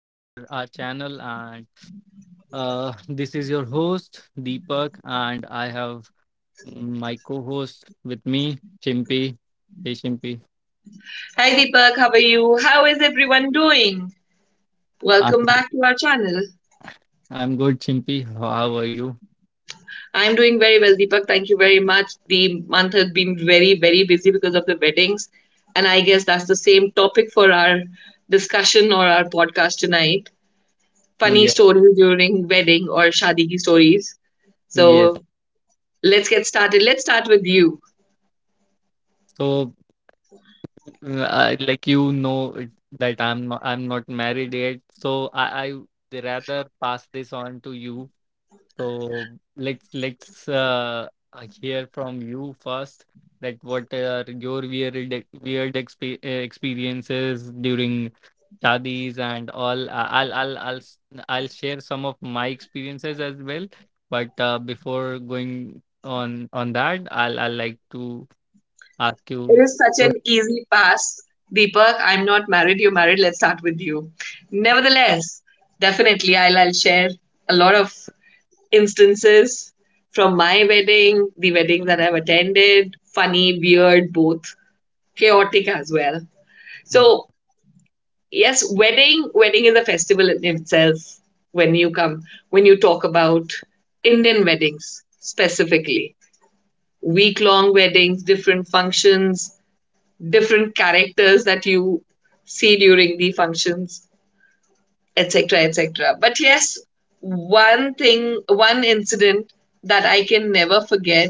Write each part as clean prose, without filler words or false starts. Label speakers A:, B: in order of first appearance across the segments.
A: our channel, and this is your host Deepak, and I have my co-host with me, Chimpy. Hey Chimpy,
B: Hi Deepak, how are you? How is everyone doing? Welcome
A: I'm,
B: back to our channel.
A: I'm good. Chimpy, how are you?
B: I'm doing very well, Deepak. Thank you very much. The month has been very, very busy because of the weddings. And I guess that's the same topic for our discussion or our podcast tonight. Funny
A: Yeah,
B: stories during wedding or shadi ki stories.
A: yeah.
B: So let's get started. Let's start with you.
A: So like you know that I'm not married yet, so I rather pass this on to you. So let's hear from you first. Like, what are your weird ex- weird exp experiences during shadis and all? I'll share some of my experiences as well. But before going on that, I'll like to ask you.
B: It is such an easy pass. Deepak, I'm not married, you're married, let's start with you. Nevertheless, definitely, I'll share a lot of instances from my wedding, the weddings that I've attended, funny, weird, both, chaotic as well. So, yes, wedding is a festival in itself when you come, when you talk about Indian weddings specifically. Week long weddings, different functions, different characters that you see during the functions, etc., etc. But yes, one incident that I can never forget.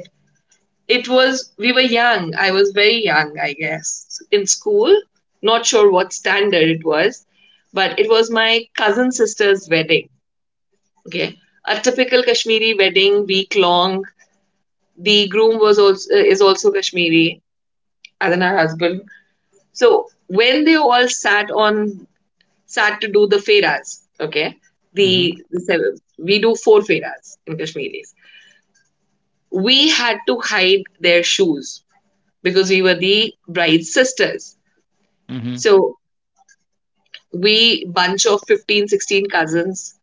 B: It was, we were young. I was very young, I guess, in school. Not sure what standard it was, but it was my cousin sister's wedding. Okay. A typical Kashmiri wedding, week long. The groom was also, is also Kashmiri, as in her husband. So when they all sat on start to do the feras. Okay,
A: Mm-hmm,
B: the we do four feras in Kashmiris. We had to hide their shoes because we were the bride's sisters.
A: mm-hmm,
B: So we bunch of 15, 16 cousins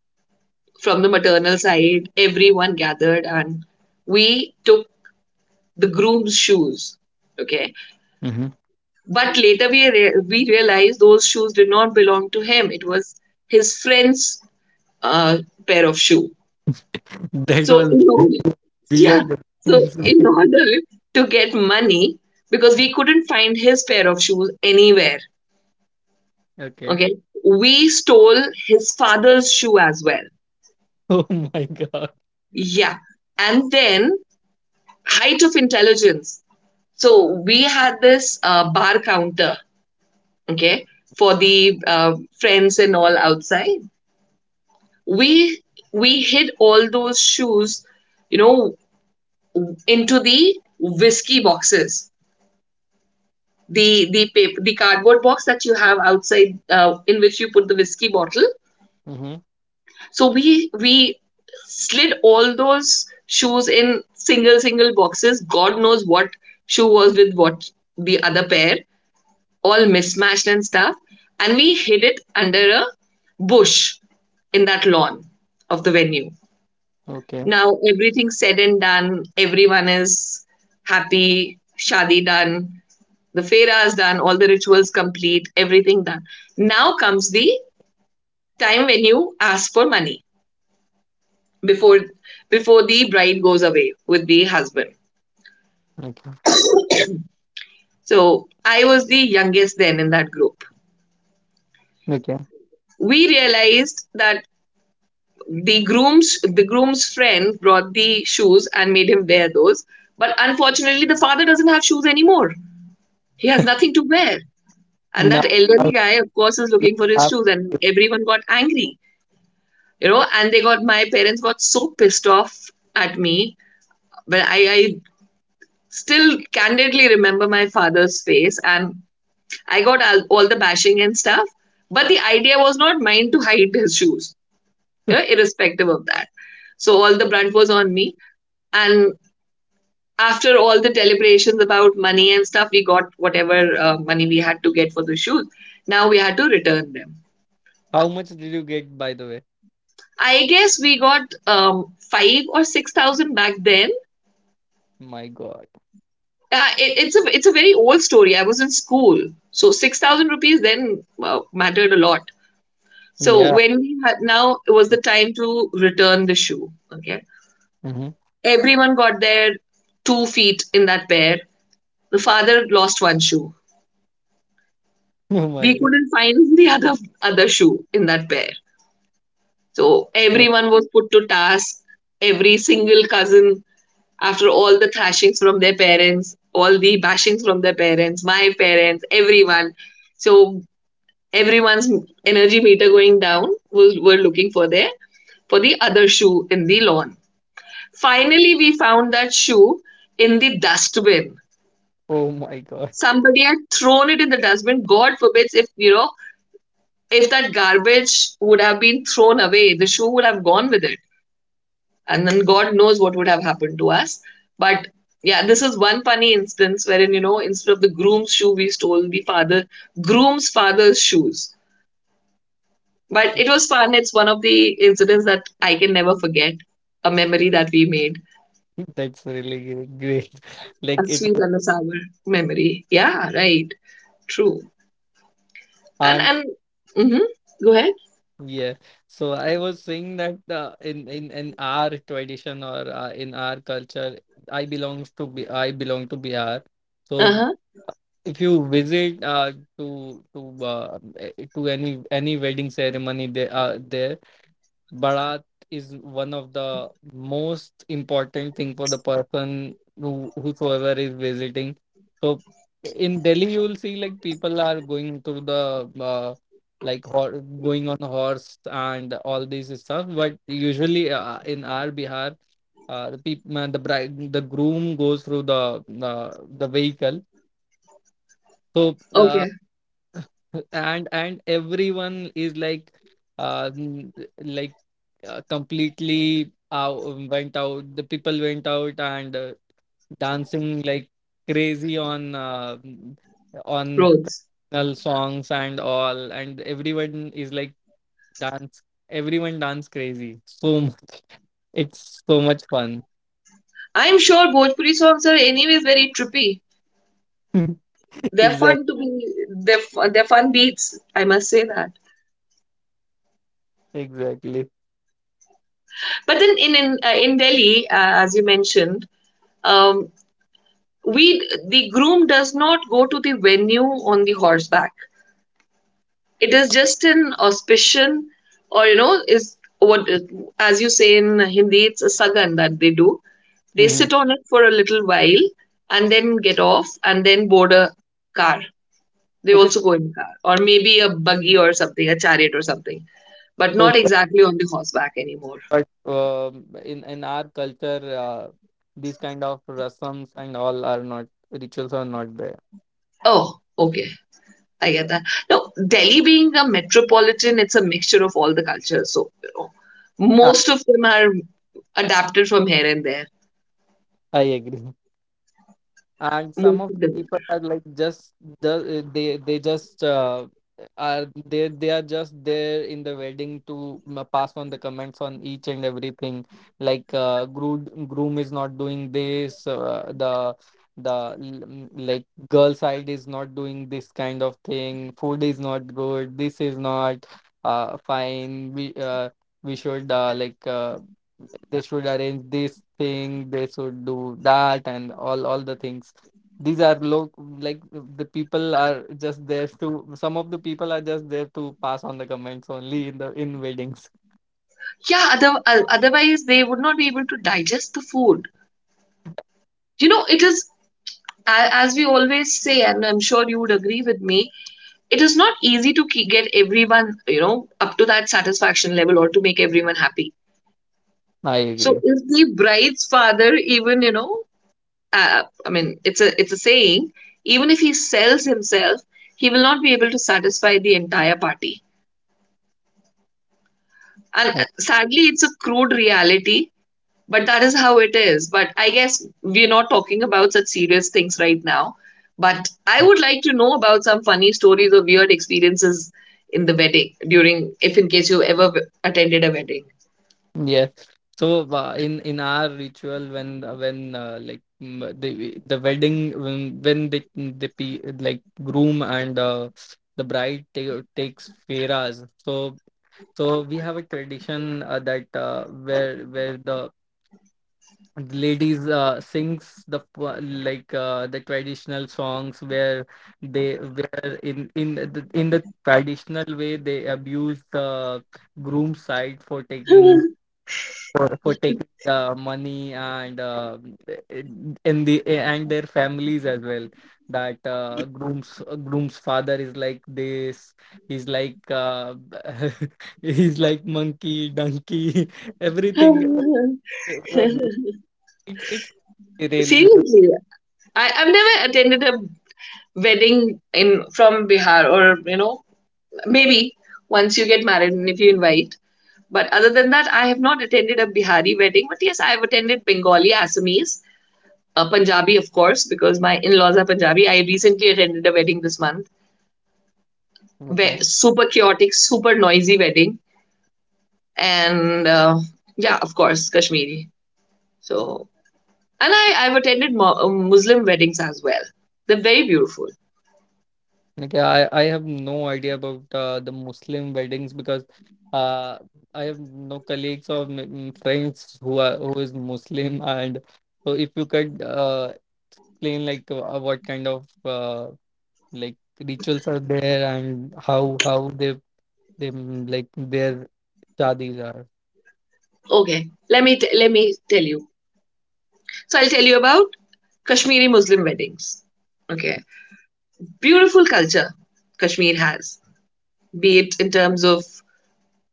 B: from the maternal side. Everyone gathered and we took the groom's shoes. Okay,
A: mm-hmm.
B: but later we realized those shoes did not belong to him. It was his friend's uh, pair of shoe.
A: That
B: So in
A: was
B: order, yeah,
A: weird.
B: so in order to get money, because we couldn't find his pair of shoes anywhere,
A: Okay.
B: okay, we stole his father's shoe as well.
A: Oh my God.
B: Yeah, and then height of intelligence. So we had this bar counter, okay, for the friends and all outside. We we hid all those shoes, you know, into the whiskey boxes the paper, the cardboard box that you have outside in which you put the whiskey bottle.
A: Mm-hmm.
B: So we slid all those shoes in single single boxes. God knows what shoe was with what the other pair, all mismatched and stuff. And we hid it under a bush in that lawn of the venue.
A: Okay.
B: Now everything's said and done. Everyone is happy. Shadi done. The Fera is done, all the rituals complete, everything done. Now comes the time when you ask for money before before the bride goes away with the husband.
A: Okay.
B: So I was the youngest then in that group.
A: Okay.
B: We realized that the groom's friend brought the shoes and made him wear those. But unfortunately, the father doesn't have shoes anymore. He has nothing to wear. And that
A: Now,
B: elderly guy, of course, is
A: you
B: looking for his
A: have
B: shoes, and everyone got angry. You know, and they got my parents got so pissed off at me, but I still candidly remember my father's face, and I got all the bashing and stuff, but the idea was not mine to hide his shoes, you
A: to-
B: know, irrespective of that. So all the brunt was on me, and after all the deliberations about money and stuff, we got whatever money we had to get for the shoes. Now we had to return them.
A: how much did you get, by the way?
B: I guess we got um, 5 or 6 thousand back then.
A: My God.
B: It's a very old story. I was in school, so 6,000 rupees then mattered a lot. So
A: Yeah.
B: when we had now it was the time to return the shoe. Okay,
A: Hmm.
B: everyone got their 2 feet in that pair. The father lost one shoe.
A: Oh
B: We
A: my
B: couldn't find the other shoe in that pair. So
A: God.
B: everyone was put to task. Every single cousin, after all the thrashings from their parents, all the bashings from their parents, my parents, everyone. So everyone's energy meter going down. We were looking for there for the other shoe in the lawn. Finally, we found that shoe in the dustbin.
A: Oh my God.
B: Somebody had thrown it in the dustbin. God forbids, if you know, if that garbage would have been thrown away, the shoe would have gone with it, and then God knows what would have happened to us. But yeah, this is one funny instance wherein, you know, instead of the groom's shoe we stole the father groom's father's shoes. But it was fun. It's one of the incidents that I can never forget. A memory that we made.
A: That's really great.
B: A
A: Like it
B: sweet
A: was,
B: and a sour memory. Yeah, right. True. And
A: and
B: and mm-hmm. Go ahead.
A: yeah. So I was saying that in our tradition or in our culture, I belong to Bihar. So
B: Uh-huh.
A: if you visit to to any wedding ceremony there. Bharat is one of the most important thing for the person whosoever is visiting. So in Delhi, you will see like people are going through the like hor going on horse and all these stuff. But usually in our Bihar, the people, the bride, the groom goes through the vehicle. So
B: Okay.
A: and everyone is like uh n- like completely out, went out, the people went out and dancing like crazy on
B: Roads.
A: traditional songs and all, and everyone is like dance, everyone dance crazy, it's so much fun.
B: I'm sure Bhojpuri songs are anyways very trippy. They're
A: Exactly.
B: fun to be. They're fun beats. I must say that.
A: Exactly.
B: But then in Delhi, as you mentioned, um, we the groom does not go to the venue on the horseback. It is just an auspicion, or you know, is what as you say in Hindi, it's a sagan that they do. They
A: Mhm.
B: sit on it for a little while and then get off and then board a car. They
A: Okay.
B: also go in car or maybe a buggy or something, a chariot or something, but not
A: So
B: exactly on the horseback anymore.
A: but um in our culture, these kind of rasams and all are not rituals are not there.
B: Oh, okay. I get that. Now, Delhi being a metropolitan, it's a mixture of all the cultures. So, you know,
A: i,
B: most of them are adapted from here and there.
A: I agree, and some
B: Most
A: of
B: of them.
A: people are like just the they just are they are just there in the wedding pass on the comments on each and everything, like groom is not doing this, the like girl side is not doing this kind of thing, food is not good, this is not fine, we should like they should arrange this thing, they should do that, and all the things. These are low, like the people are just there to, some of the people are just there to pass on the comments only in weddings.
B: Yeah. Other, otherwise they would not be able to digest the food, you know. It is, as we always say, and I'm sure you would agree with me, it is not easy to get everyone, you know, up to that satisfaction level, or to make everyone happy.
A: I
B: So
A: agree.
B: if the bride's father, even you know, I mean, it's a saying, even if he sells himself, he will not be able to satisfy the entire party. And
A: I,
B: sadly, it's a crude reality. But that is how it is. But I guess we're not talking about such serious things right now. But I would like to know about some funny stories or weird experiences in the wedding during, if in case you ever attended a wedding.
A: yes. So in our ritual when like the wedding when like groom and the bride takes feras. So So we have a tradition that where the ladies sings the like the traditional songs where they where in the traditional way they abuse the groom side for taking, for taking the money and in the and their families as well, that groom's father is like this, he's like he's like monkey donkey everything. It's really, really.
B: Seriously, I've never attended a wedding in from Bihar, or you know, maybe once you get married and if you invite. But other than that, I have not attended a Bihari wedding. But yes, I have attended Bengali, Assamese, Punjabi, of course, because my in laws are Punjabi. I recently attended a wedding this month.
A: Okay.
B: Super chaotic, super noisy wedding. And yeah, of course, Kashmiri. So, and I've attended Muslim weddings as well. They're very beautiful.
A: Okay, I have no idea about the Muslim weddings because uh, I have no colleagues or friends who are who is Muslim. And so if you could explain like what kind of like rituals are there and how they like their shadis are.
B: Okay, let me tell you. So, I'll tell you about Kashmiri Muslim weddings. Okay, beautiful culture Kashmir has, be it in terms of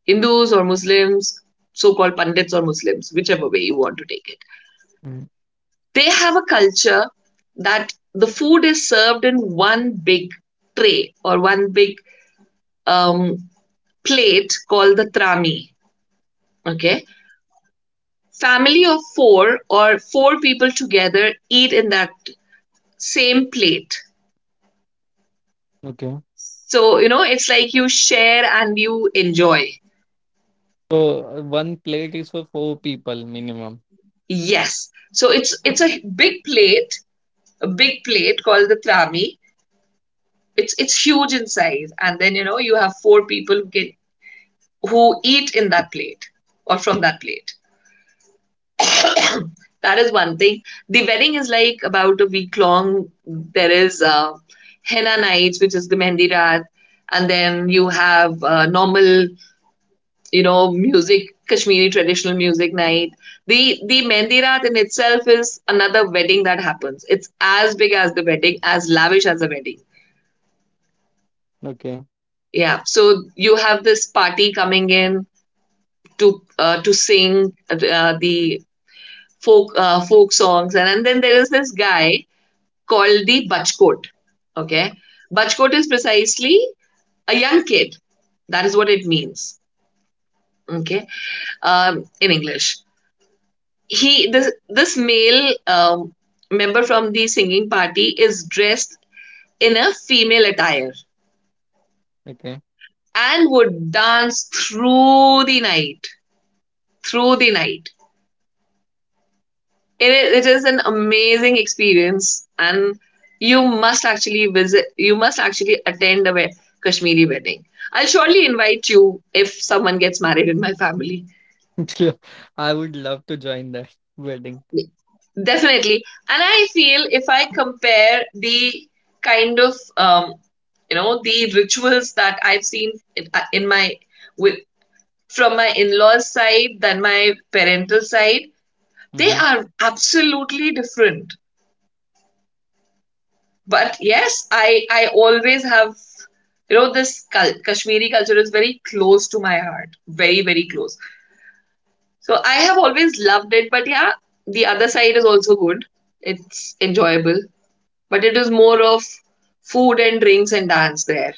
B: Hindus or Muslims, so called Pandits or Muslims, whichever way you want to take it.
A: Mm.
B: They have a culture that the food is served in one big tray or one big um, plate called the trami. Okay. Family of four or four people together eat in that same plate.
A: Okay.
B: So, you know, it's like you share and you enjoy.
A: So one plate is for four people minimum.
B: Yes. So it's a big plate called the trami. It's huge in size, and then you know you have four people who can who eat in that plate or from that plate. That is one thing. The wedding is like about a week long. There is henna nights, which is the mehndi raat, and then you have normal, you know, music, Kashmiri traditional music night. The mehndi raat in itself is another wedding that happens. It's as big as the wedding, as lavish as a wedding.
A: Okay.
B: Yeah. So you have this party coming in to sing the folk songs, and then there is this guy called the Bachkot. Okay, Bachkot is precisely a young kid. That is what it means. Okay, in English, he this this male member from the singing party is dressed in a female attire
A: Okay.
B: and would dance through the night, through the night. It is an amazing experience, and you must actually visit. You must actually attend a Kashmiri wedding. I'll surely invite you if someone gets married in my family.
A: Sure. I would love to join that wedding.
B: Definitely, and I feel if I compare the kind of you know the rituals that I've seen in my with from my in-laws side than my parental side, they
A: Mm-hmm.
B: are absolutely different. But yes, I always have you know this Kashmiri culture is very close to my heart, very very close. So I have always loved it, but yeah, the other side is also good. It's enjoyable, but it is more of food and drinks and dance there.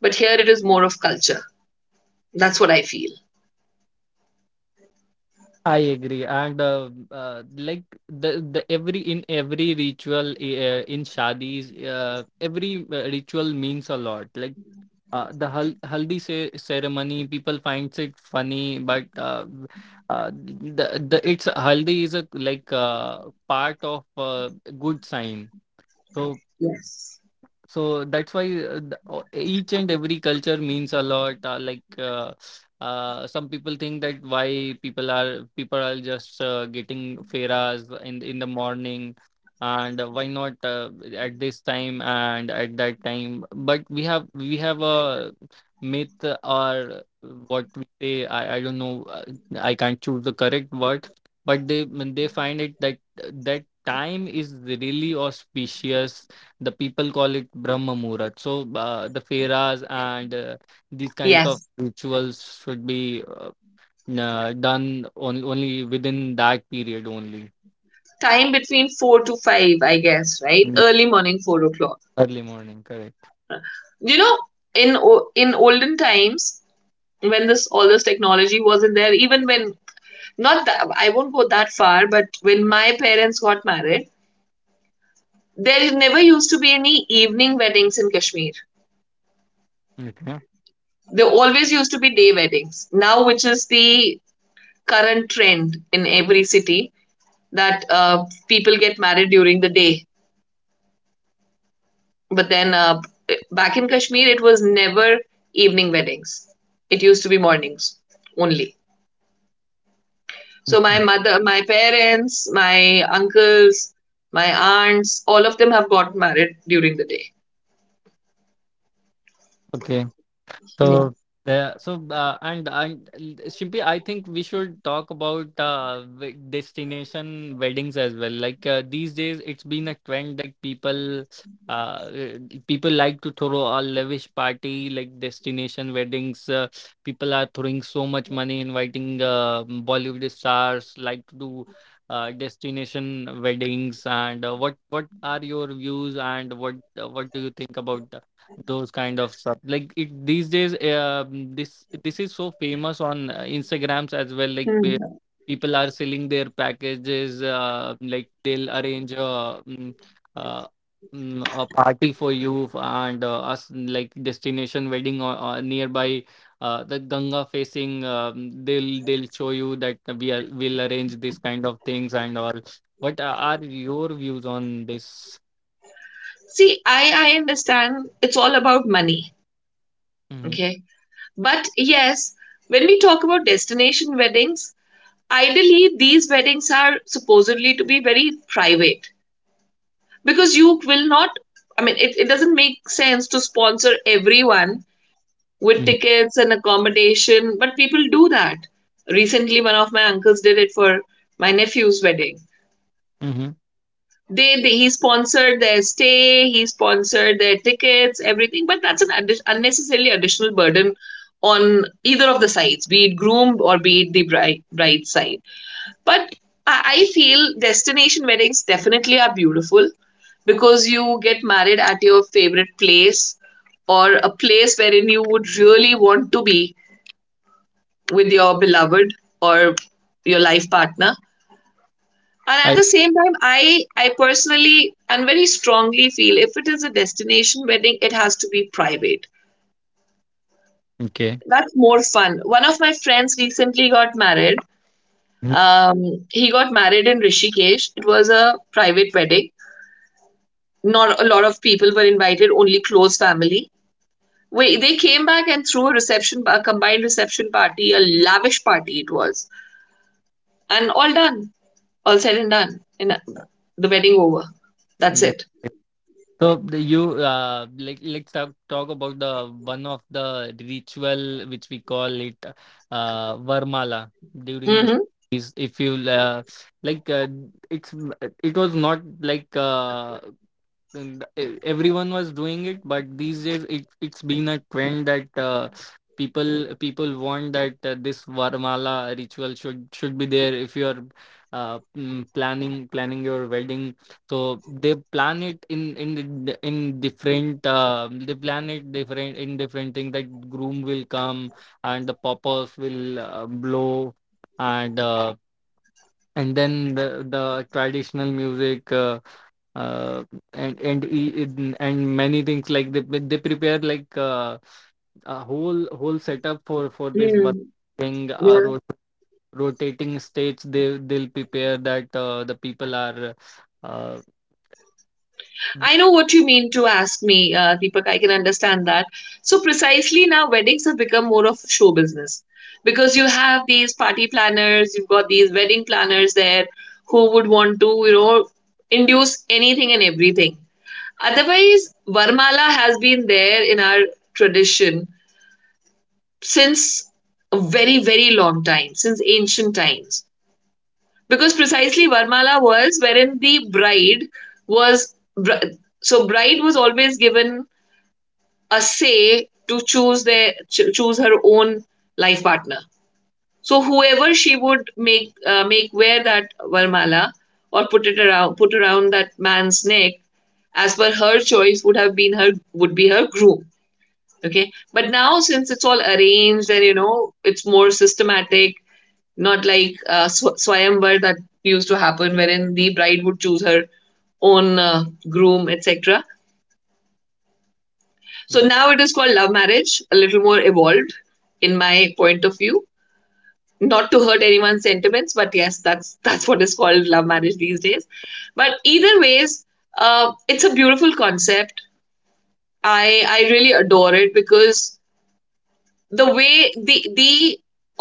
B: But here it is more of culture. That's what I feel.
A: I agree, and like the every in every ritual in shadis, every ritual means a lot. Like the haldi ceremony, people finds it funny, but the it's haldi is a like part of good sign. So,
B: Yes.
A: so that's why each and every culture means a lot. Like some people think that why people are just getting feras in the morning, and why not at this time and at that time. But we have a myth or what we say. I don't know. I can't choose the correct word, but they when they find it that that time is really auspicious, the people call it Brahma Muhurat. So the Feras and these kinds of
B: Yes.
A: rituals should be only within that period only.
B: Time between four to five, I guess, right?
A: Mm.
B: Early morning, four o'clock.
A: Early morning, correct.
B: You know, in olden times, when this all this technology wasn't there, even when, not that I won't go that far, but when my parents got married, there never used to be any evening weddings in Kashmir.
A: Okay.
B: There always used to be day weddings, now which is the current trend in every city, that people get married during the day, but then back in Kashmir it was never evening weddings. It used to be mornings only. So my
A: Okay.
B: mother, my parents, my uncles, my aunts, all of them have got married during the day.
A: Okay.
B: Yeah.
A: So the so and Shimpi, I think we should talk about destination weddings as well. Like these days, it's been a trend that uh uh, people like to throw a lavish party like destination weddings. People are throwing so much money, inviting Bollywood stars, like to do destination weddings. And what are your views, and what do you think about those kind of stuff, like it these days? This is so famous on instagrams as well, like where
B: Hmm.
A: people are selling their packages, like they'll arrange uh, a party for you and us, like destination wedding or nearby the ganga facing, they'll show you that will arrange this kind of things and all. What are your views on this?
B: See, I understand it's all about money.
A: Mm-hmm.
B: Okay. But yes, when we talk about destination weddings, ideally these weddings are supposedly to be very private, because you will not, I mean, it doesn't make sense to sponsor everyone with tickets and accommodation, but people do that. Recently, one of my uncles did it for my nephew's wedding.
A: Mm-hmm.
B: They he sponsored their stay, he sponsored their tickets, everything, but that's an unnecessarily additional burden on either of the sides, be it groom or be it the bride, bride's side. But I feel destination weddings definitely are beautiful, because you get married at your favorite place, or a place wherein you would really want to be with your beloved, or your life partner. And
A: I.
B: at the same time, I personally and very strongly feel if it is a destination wedding, it has to be private.
A: Okay.
B: That's more fun. One of my friends recently got married. He got married in Rishikesh. It was a private wedding. Not a lot of people were invited, only close family. Wait, they came back and threw a reception, a combined reception party, a lavish party it was, and all done. All said and done, and the wedding over. That's
A: Right.
B: it.
A: You like let's talk about the one of the ritual which we call it Varmala during the,
B: Mm-hmm.
A: is if you like it's it was not like and everyone was doing it, but these days it's been a trend that people want that this varmala ritual should be there if you are planning your wedding. So they plan it in different, they plan it different in different thing, that groom will come and the poppers will blow, and uh, and then the traditional music, uh, and many things, like they prepare like a whole setup for this one
B: Mm.
A: thing,
B: Yeah.
A: rotating states they'll prepare that the people are, uh,
B: I know what you mean to ask me, Deepak. I can understand that. So, precisely now, weddings have become more of show business, because you have these party planners, you've got these wedding planners there who would want to, you know, induce anything and everything. Otherwise, Varmala has been there in our tradition since a very, very long time, since ancient times. Because precisely Varmala was wherein the bride was, so bride was always given a say to choose their, choose her own life partner. So whoever she would make make wear that Varmala, or put around that man's neck as per her choice, would have been her, would be her groom. Okay, but now since it's all arranged, and you know, it's more systematic, not like swayamvar that used to happen, wherein the bride would choose her own groom, etc. So now it is called love marriage, a little more evolved in my point of view, not to hurt anyone's sentiments, but yes, that's what is called love marriage these days. But either ways, it's a beautiful concept. I really adore it, because the way the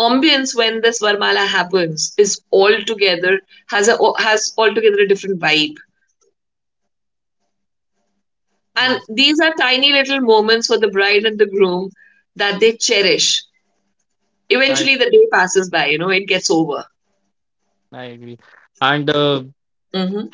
B: ambience when this Varmala happens is altogether, has altogether a different vibe. And
A: yes.
B: these are tiny little moments for the bride and the groom that they cherish.
A: I
B: Eventually, the day passes by. You know, it gets over.
A: I agree. And
B: Hmm.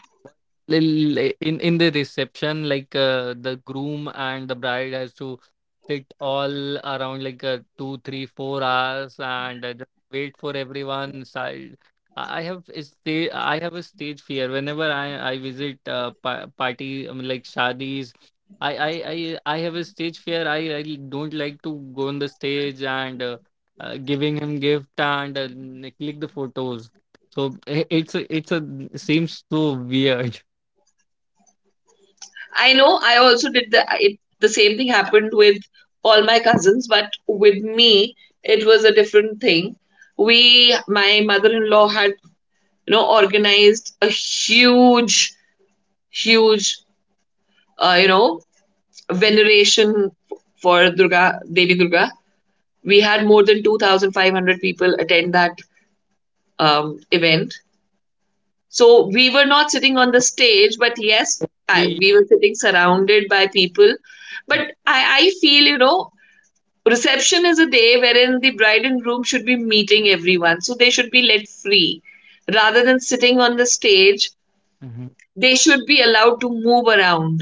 A: In the reception, like the groom and the bride has to sit all around like 2, 3, 4 hours, and just wait for everyone side. I have a stage fear whenever I visit party, like shadis. I, I i I have a stage fear. I don't like to go on the stage and giving him gift and click the photos. So it's a seems so weird.
B: I know. I also did the it, the same thing happened with all my cousins, but with me it was a different thing. We, my mother-in-law had, you know, organized a huge, huge, you know, veneration for Durga, Devi Durga. We had more than 2,500 people attend that event. So we were not sitting on the stage, but yes, I,
A: Really?
B: we were sitting surrounded by people. But I feel, you know, reception is a day wherein the bride and groom should be meeting everyone. So they should be let free rather than sitting on the stage.
A: Hmm.
B: They should be allowed to move around,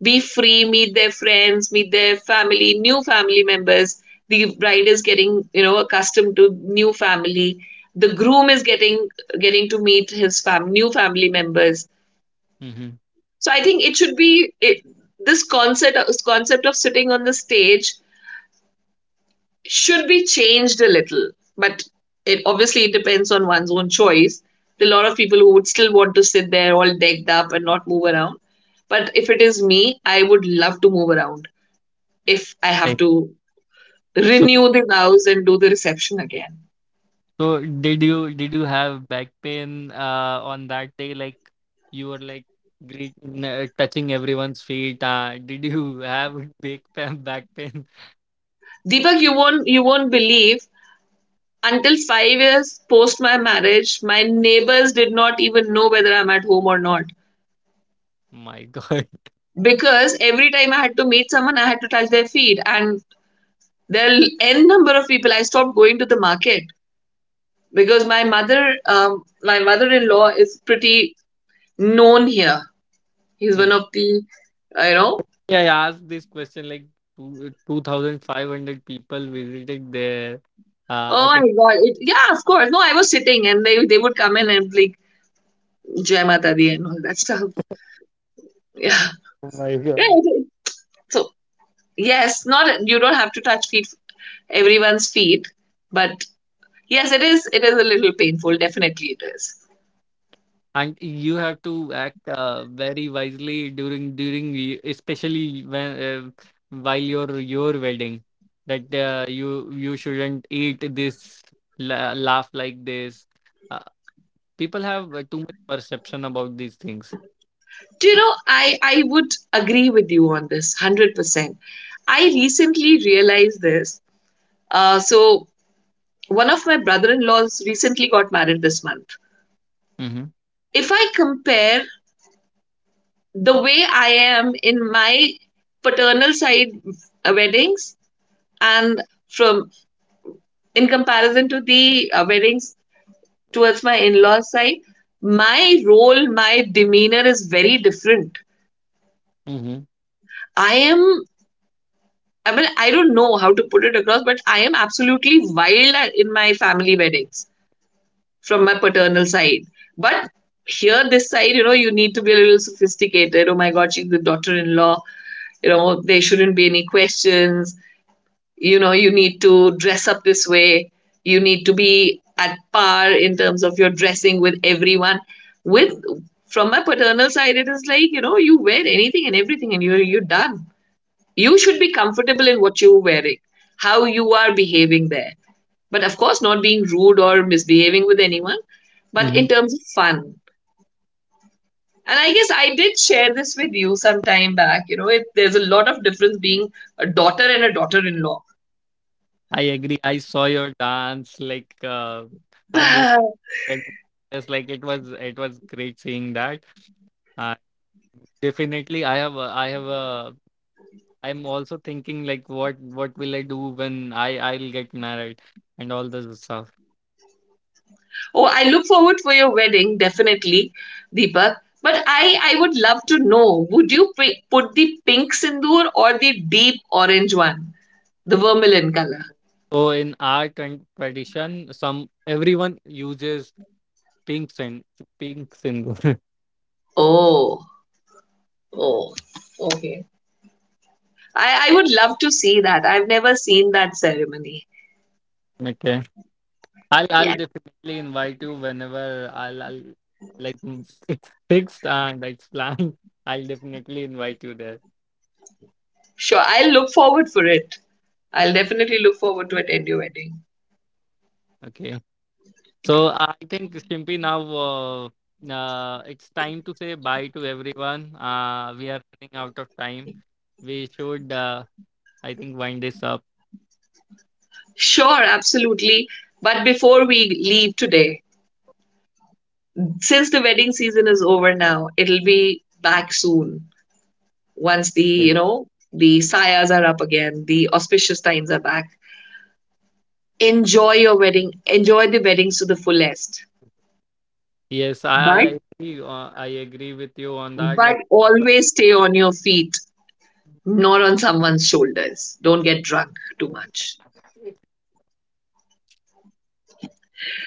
B: be free, meet their friends, meet their family, new family members. The bride is getting, you know, accustomed to new family. The groom is getting to meet his new family members.
A: Hmm.
B: So I think it should be this concept of sitting on the stage should be changed a little, but it obviously, it depends on one's own choice. There are a lot of people who would still want to sit there all decked up and not move around. But if it is me, I would love to move around if I have
A: I,
B: to
A: so
B: renew the vows and do the reception again.
A: so did you have back pain on that day? Like you were like great, touching everyone's feet. Did you have big pain back pain?
B: Deepak, you won't believe, until 5 years post my marriage, my neighbors did not even know whether I'm at home or not.
A: My God.
B: Because every time I had to meet someone, I had to touch their feet. And there are n number of people. I stopped going to the market because my mother, my mother-in-law is pretty known here. He's one
A: Like,
B: of the, you know.
A: yeah, I asked this question like 2,500 people visited there. I
B: Oh my
A: think.
B: god! It, yeah, of course. No, I was sitting, and they would come in and like Jai Mata Di and all that stuff. Yeah,
A: Oh my
B: yeah.
A: God.
B: So yes, not you don't have to touch feet, everyone's feet, but yes, it is. It is a little painful. Definitely, it is.
A: And you have to act very wisely especially when while your wedding, that you shouldn't eat this, laugh like this, uh, people have too much perception about these things.
B: Do you know, I would agree with you on this 100%. I recently realized this. So, one of my brother in laws recently got married this month.
A: Hmm.
B: If I compare the way I am in my paternal side weddings, and from, in comparison to the weddings towards my in laws side, my role, my demeanor is very different.
A: Hmm.
B: I am, I mean, I don't know how to put it across, but I am absolutely wild in my family weddings from my paternal side. But here, this side, you know, you need to be a little sophisticated. Oh my God, she's the daughter in law. You know, there shouldn't be any questions. You know, you need to dress up this way. You need to be at par in terms of your dressing with everyone. With, from my paternal side, it is like, you know, you wear anything and everything, and you're done. You should be comfortable in what you're wearing, how you are behaving there. But of course, not being rude or misbehaving with anyone, but
A: Hmm.
B: in terms of fun. And I guess I did share this with you some time back. You know, it, there's a lot of difference being a daughter and a daughter in law.
A: I agree. I saw your dance, like, and it
B: Oh,
A: went just like, it was great seeing that. Uh, definitely I have a I'm also thinking, like, what will I do when I'll get married and all this stuff.
B: I look forward for your wedding, definitely, Deepak. But I would love to know, would you put the pink sindoor or the deep orange one, the vermilion color?
A: So in our and tradition, some everyone uses pink sin pink symbol.
B: Oh, oh, okay. I would love to see that. I've never seen that ceremony.
A: Okay, I'll
B: Yeah,
A: definitely invite you whenever I'll like, it's fixed and it's planned. I'll definitely invite you there.
B: sure. I'll look forward for it. I'll definitely look forward to attend your wedding.
A: Okay. So I think Shimpi now, it's time to say bye to everyone. We are running out of time. We should I think wind this up.
B: Sure, absolutely. But before we leave today, since the wedding season is over now, it'll be back soon. Once the,
A: Yes,
B: you know, the sayas are up again, the auspicious times are back. Enjoy your wedding. Enjoy the weddings to the fullest.
A: yes, I I
B: But
A: I agree, uh, I agree with you on that.
B: but
A: Like,
B: always stay on your feet, not on someone's shoulders. Don't get drunk too much.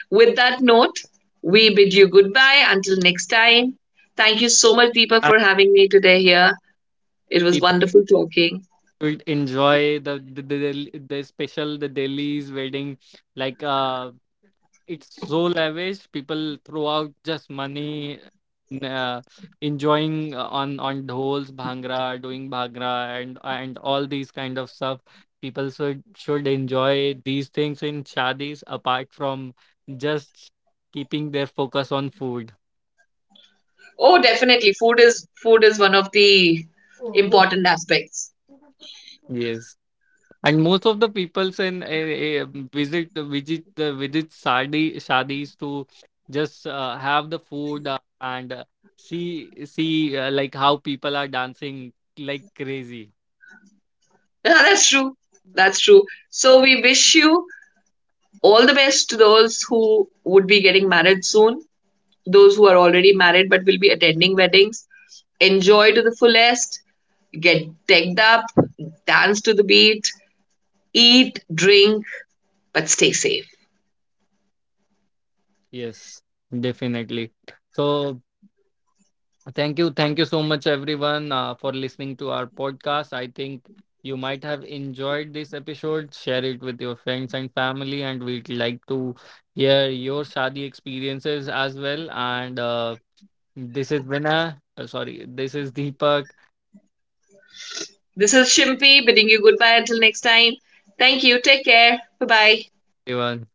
B: With that note, we bid you goodbye until next time. Thank you so much, Deepa,
A: I-
B: for having me today here. It was
A: people
B: wonderful talking.
A: should enjoy the, the special the Delhi's wedding. Like it's so lavish, people throw out just money, uh, enjoying on dhols, bhangra doing bhangra, and all these kind of stuff. People should enjoy these things in shadis apart from just keeping their focus on food.
B: Oh, definitely, food is one of the
A: Oh.
B: important aspects.
A: Yes. And most of the peoples in visit visit visit Sadi Shadis to just have the food, and see like how people are dancing like crazy.
B: Yeah, that's true. That's true. So we wish you all the best to those who would be getting married soon, those who are already married but will be attending weddings. Enjoy to the fullest, get decked up, dance to the beat, eat, drink, but stay safe.
A: Yes, definitely. So thank you so much, everyone, for listening to our podcast. I think you might have enjoyed this episode. Share it with your friends and family, and we'd like to hear your Shadi experiences as well. And this is Vinay. Sorry, this is Deepak.
B: This is Shimpy bidding you goodbye until next time. Thank you. Take care. Bye bye.
A: Everyone,